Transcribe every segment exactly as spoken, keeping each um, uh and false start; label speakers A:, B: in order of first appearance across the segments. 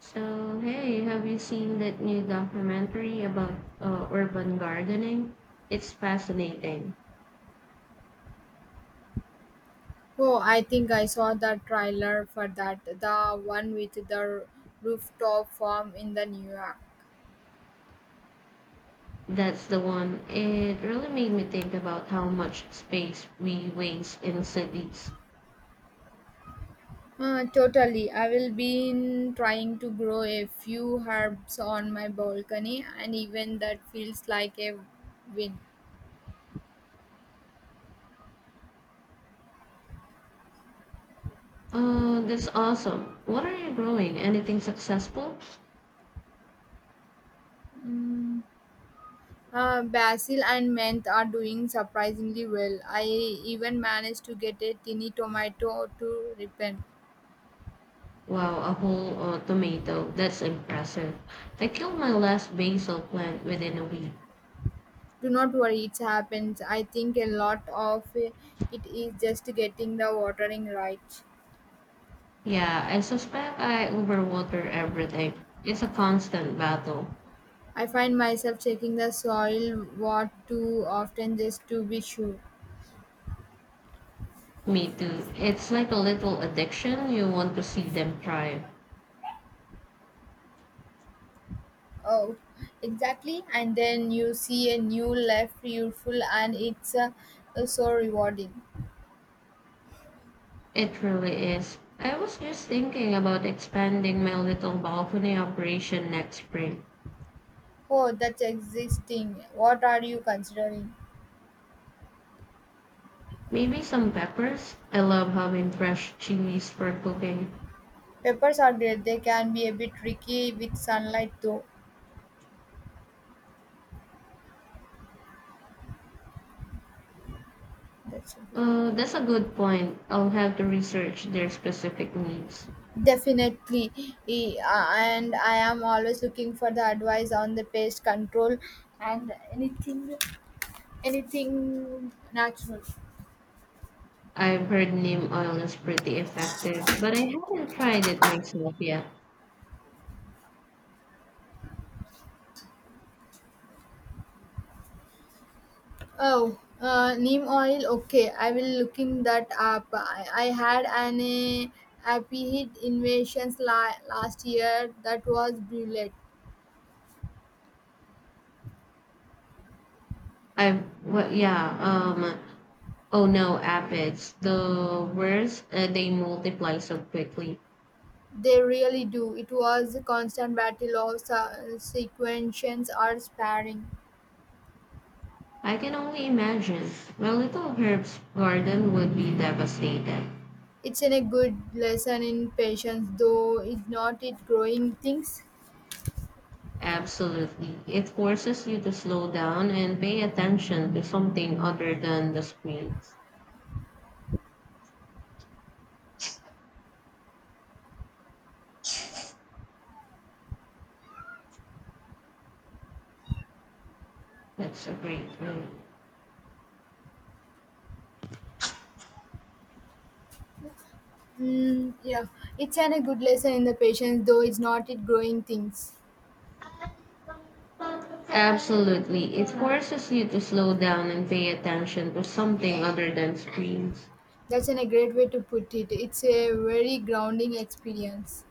A: So, hey, have you seen that new documentary about uh, urban gardening? It's fascinating.
B: Oh, I think I saw the trailer for that, the one with the rooftop farm in the New York.
A: That's the one. It really made me think about how much space we waste in cities.
B: Uh, totally. I will be in trying to grow a few herbs on my balcony, and even that feels like a win.
A: Uh, that's awesome. What are you growing? Anything successful?
B: Mm. Uh, basil and mint are doing surprisingly well. I even managed to get a tiny tomato to ripen.
A: Wow, a whole uh, tomato. That's impressive. I killed my last basil plant within a week.
B: Do not worry, it happens. I think a lot of it is just getting the watering right.
A: Yeah, I suspect I overwater everything. It's a constant battle.
B: I find myself checking the soil what too often just to be sure.
A: Me too. It's like a little addiction. You want to see them thrive.
B: Oh, exactly. And then you see a new leaf beautiful and it's uh, so rewarding.
A: It really is. I was just thinking about expanding my little balcony operation next spring.
B: Oh, that's existing. What are you considering?
A: Maybe some peppers. I love having fresh chilies for cooking.
B: Peppers are great. They can be a bit tricky with sunlight though. That's okay.
A: Uh, that's a good point. I'll have to research their specific needs.
B: Definitely, E- uh, and I am always looking for the advice on the pest control and anything, anything natural.
A: I've heard neem oil is pretty effective, but I haven't tried it myself yet.
B: Oh, uh, neem oil. Okay, I will looking that up. I, I had an uh, aphid invasions la- last year that was brilliant.
A: I've well, yeah. Um, Oh no, aphids! the worst. Uh, they multiply so quickly.
B: They really do. It was a constant battle of su- sequences or sparring.
A: I can only imagine. My little herb's garden would be devastated.
B: It's in a good lesson in patience, though it's not it growing things.
A: Absolutely. It forces you to slow down and pay attention to something other than the screens. That's a great way.
B: Mm, yeah, it's an a good lesson in the patience, though it's not it growing things.
A: Absolutely. It forces you to slow down and pay attention to something other than screens.
B: That's an a great way to put it. It's a very grounding experience.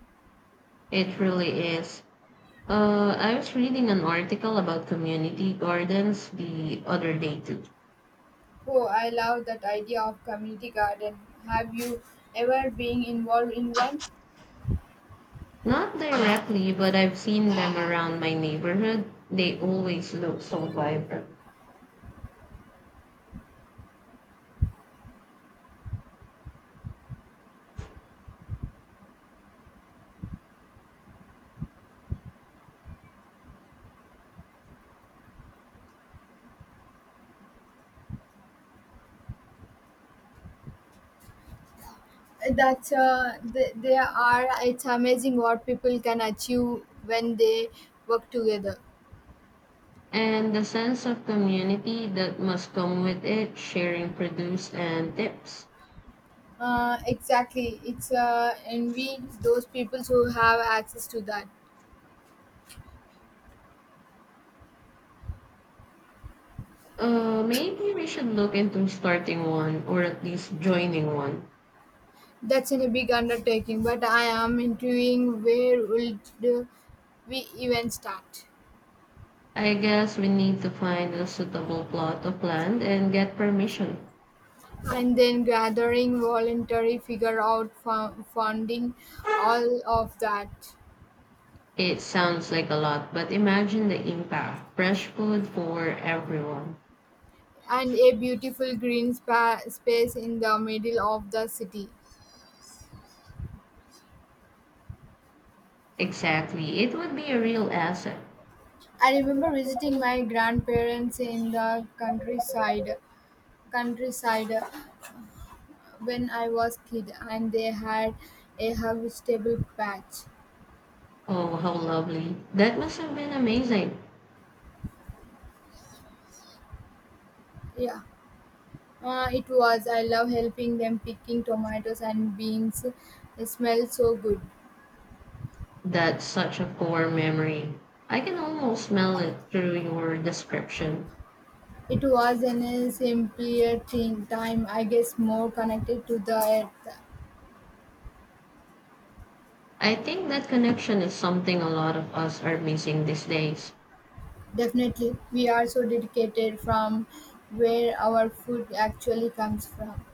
A: It really is. Uh, I was reading an article about community gardens the other day too.
B: Oh, I love that idea of community garden. Have you ever been involved in one?
A: Not directly, but I've seen them around my neighborhood. They always look so vibrant.
B: That uh, th- there are. It's amazing what people can achieve when they work together.
A: And the sense of community that must come with it, sharing produce and tips.
B: Uh, exactly. It's uh, envy those people who have access to that.
A: Uh, maybe we should look into starting one or at least joining one.
B: That's a big undertaking, but I am intuiting where would we even start?
A: I guess we need to find a suitable plot of land and get permission.
B: And then gathering voluntary, figure out fu- funding, all of that,
A: It sounds like a lot, but imagine the impact. Fresh food for everyone.
B: and a beautiful green spa- space in the middle of the city.
A: Exactly. It would be a real asset.
B: I remember visiting my grandparents in the countryside. Countryside. When I was kid, and they had a hug vegetable patch.
A: Oh, how lovely. That must have been amazing.
B: Yeah, uh, it was. I love helping them picking tomatoes and beans. It smells so good.
A: That's such a core memory. I can almost smell it through your description.
B: It was an a simpler thing, time, I guess, more connected to the earth.
A: I think that connection is something a lot of us are missing these days.
B: Definitely, we are so dedicated from where our food actually comes from.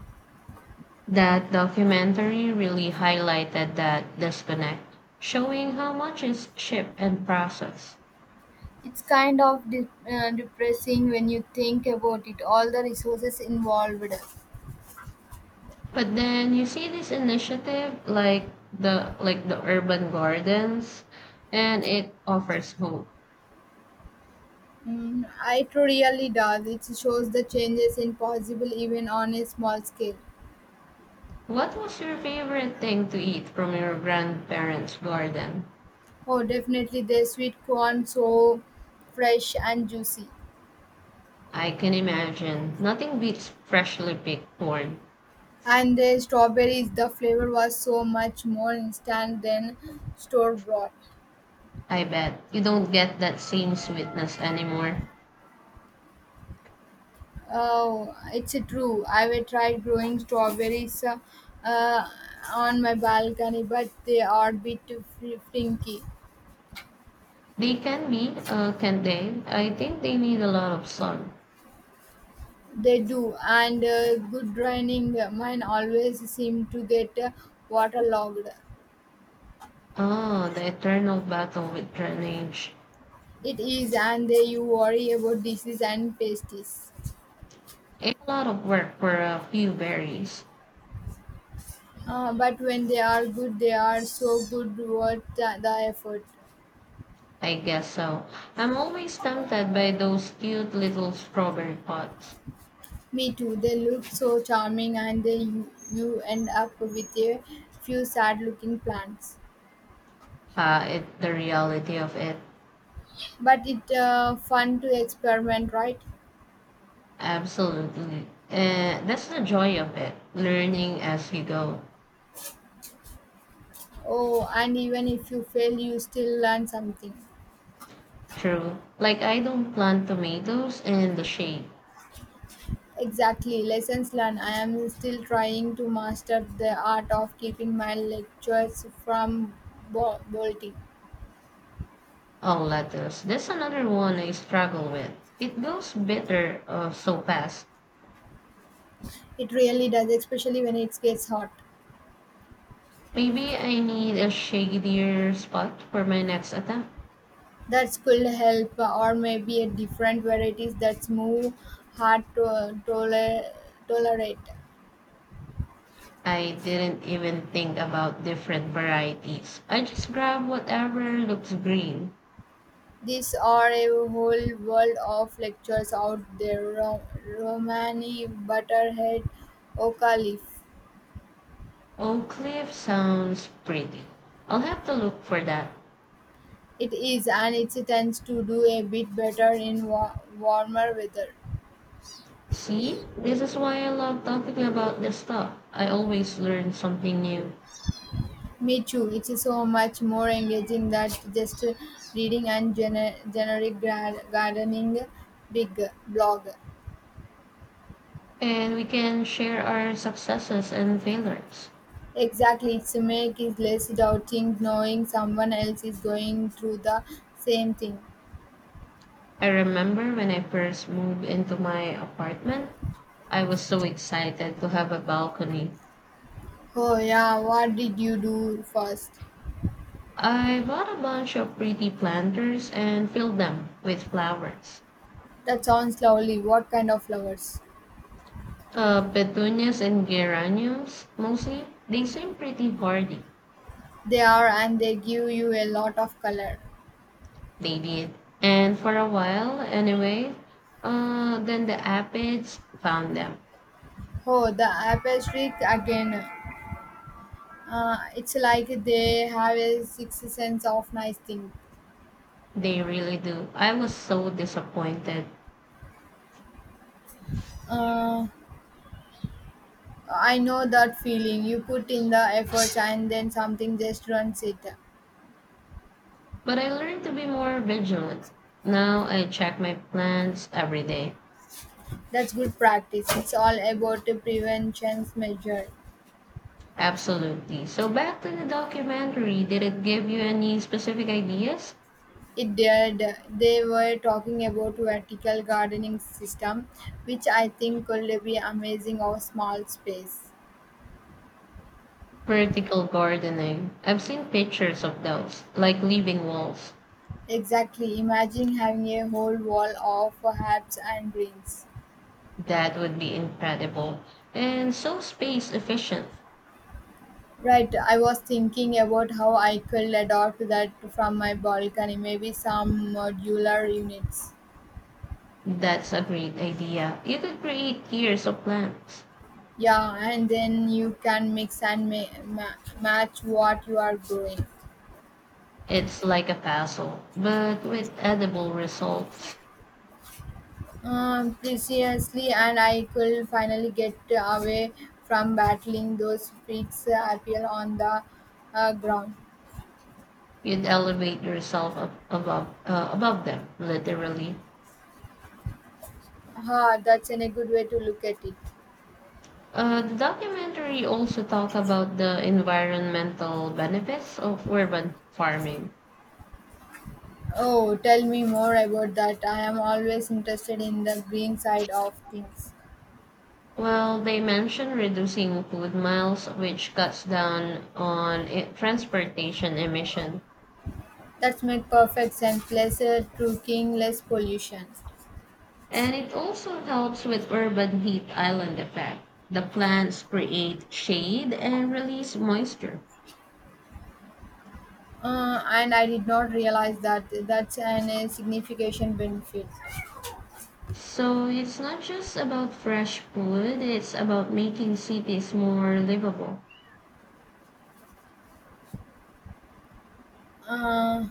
A: That documentary really highlighted that disconnect, showing how much is shipped and processed.
B: It's kind of de- uh, depressing when you think about it, all the resources involved.
A: But then you see this initiative like the like the urban gardens and it offers hope.
B: Mm, it really does. It shows the changes in possible even on a small scale.
A: What was your favorite thing to eat from your grandparents' garden?
B: Oh, definitely the sweet corn so fresh and juicy.
A: I can imagine. Nothing beats freshly picked corn.
B: And the strawberries, the flavor was so much more instant than store bought.
A: I bet you don't get that same sweetness anymore.
B: Oh, it's true. I've tried growing strawberries uh, uh, on my balcony, but they are a bit fl- flinky.
A: They can be, uh, can they? I think they need a lot of sun.
B: They do, and uh, good draining. Mine always seem to get uh, waterlogged.
A: Oh, the eternal battle with drainage.
B: It is, and they, you worry about disease and pestis.
A: It's a lot of work for a few berries.
B: Uh, but when they are good, they are so good worth the, the effort.
A: I guess so. I'm always tempted by those cute little strawberry pots.
B: Me too. They look so charming, and they you, you end up with a few sad-looking plants.
A: Uh, it, the reality of it,
B: But it's uh, fun to experiment, right?
A: absolutely. Uh, that's the joy of it, learning as you go.
B: Oh, and even if you fail, you still learn something.
A: True. Like I don't plant tomatoes in the shade.
B: Exactly, lessons learned. I am still trying to master the art of keeping my lectures from bo- bolting.
A: Oh, lettuce. That's another one I struggle with. It goes bitter uh, so fast.
B: It really does, especially when it gets hot.
A: Maybe I need a shadier spot for my next attempt.
B: That could help, or maybe a different varieties that's more hard to uh, toler- tolerate.
A: I didn't even think about different varieties. I just grabbed whatever looks green.
B: These are a whole world of lectures out there. Ro- Romani, Butterhead, Oka Leaf.
A: Oak Cliff sounds pretty. I'll have to look for that.
B: It is, and it tends to do a bit better in wa- warmer weather.
A: See, this is why I love talking about this stuff. I always learn something new.
B: Me too. It's so much more engaging than just reading and gener- generic gra- gardening big blog.
A: And we can share our successes and failures.
B: Exactly, it's make it less doubting knowing someone else is going through the same thing.
A: I remember when I first moved into my apartment, I was so excited to have a balcony.
B: Oh yeah, what did you do first?
A: I bought a bunch of pretty planters and filled them with flowers.
B: That sounds lovely. What kind of flowers?
A: Uh, petunias and geraniums, mostly. They seem pretty hardy.
B: They are and they give you a lot of color.
A: They did. And for a while, anyway, uh, then the aphids found them.
B: Oh, the apple streak again. Uh, it's like they have a sixth sense of nice thing.
A: They really do. I was so disappointed.
B: Uh, I know that feeling. You put in the effort and then something just runs it.
A: But I learned to be more vigilant. Now I check my plants every day.
B: That's good practice. It's all about the prevention measure.
A: Absolutely. So back to the documentary. Did it give you any specific ideas?
B: It did. They were talking about vertical gardening system, which I think could be amazing of small space.
A: Vertical gardening. I've seen pictures of those, like living walls.
B: Exactly. Imagine having a whole wall of herbs and greens.
A: That would be incredible and so space efficient.
B: Right, I was thinking about how I could adopt that from my balcony, maybe some modular units.
A: That's a great idea. You could create tiers of plants.
B: Yeah, and then you can mix and ma- ma- match what you are growing.
A: It's like a puzzle, but with edible results.
B: Um, precisely, and I could finally get away from battling those freaks uh, appear on the uh, ground.
A: You'd elevate yourself up above uh, above them, literally.
B: Ha, that's in a good way to look at it.
A: Uh, the documentary also talked about the environmental benefits of urban farming.
B: Oh, tell me more about that. I am always interested in the green side of things.
A: Well, they mentioned reducing food miles, which cuts down on i- transportation emission.
B: That's made perfect sense. Lesser trucking, less pollution.
A: And it also helps with urban heat island effect. The plants create shade and release moisture.
B: Uh, and I did not realize that that's an a significant benefit.
A: So it's not just about fresh food, it's about making cities more livable.
B: Uh,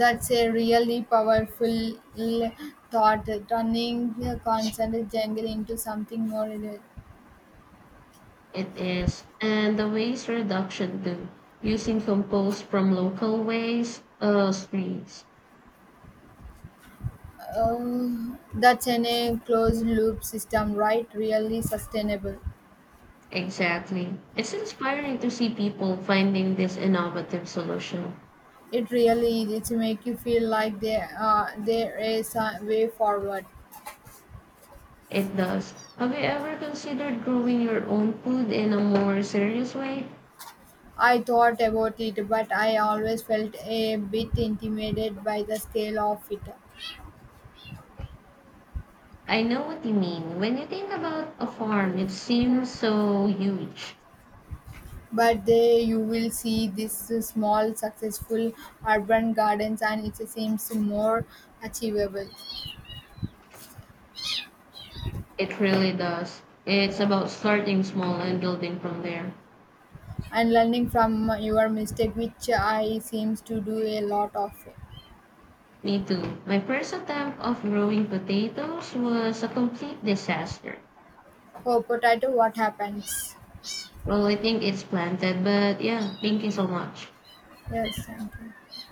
B: that's a really powerful l- thought. Turning the constant jungle into something more. Real.
A: It is. And the waste reduction too, using compost from local waste uh, streets.
B: Uh, that's an a closed loop system, right? Really sustainable.
A: Exactly. It's inspiring to see people finding this innovative solution.
B: It really is. It make you feel like there uh, there is a way forward.
A: It does. Have you ever considered growing your own food in a more serious way?
B: I thought about it, but I always felt a bit intimidated by the scale of it.
A: I know what you mean. When you think about a farm, it seems so huge.
B: But there you will see these small, successful urban gardens, and it seems more achievable.
A: It really does. It's about starting small and building from there.
B: And learning from your mistake, which I seems to do a lot of.
A: Me too. My first attempt of growing potatoes was a complete disaster.
B: Oh, potato, what happens?
A: Well, I think it's planted, but yeah, thank you so much.
B: Yes, thank you.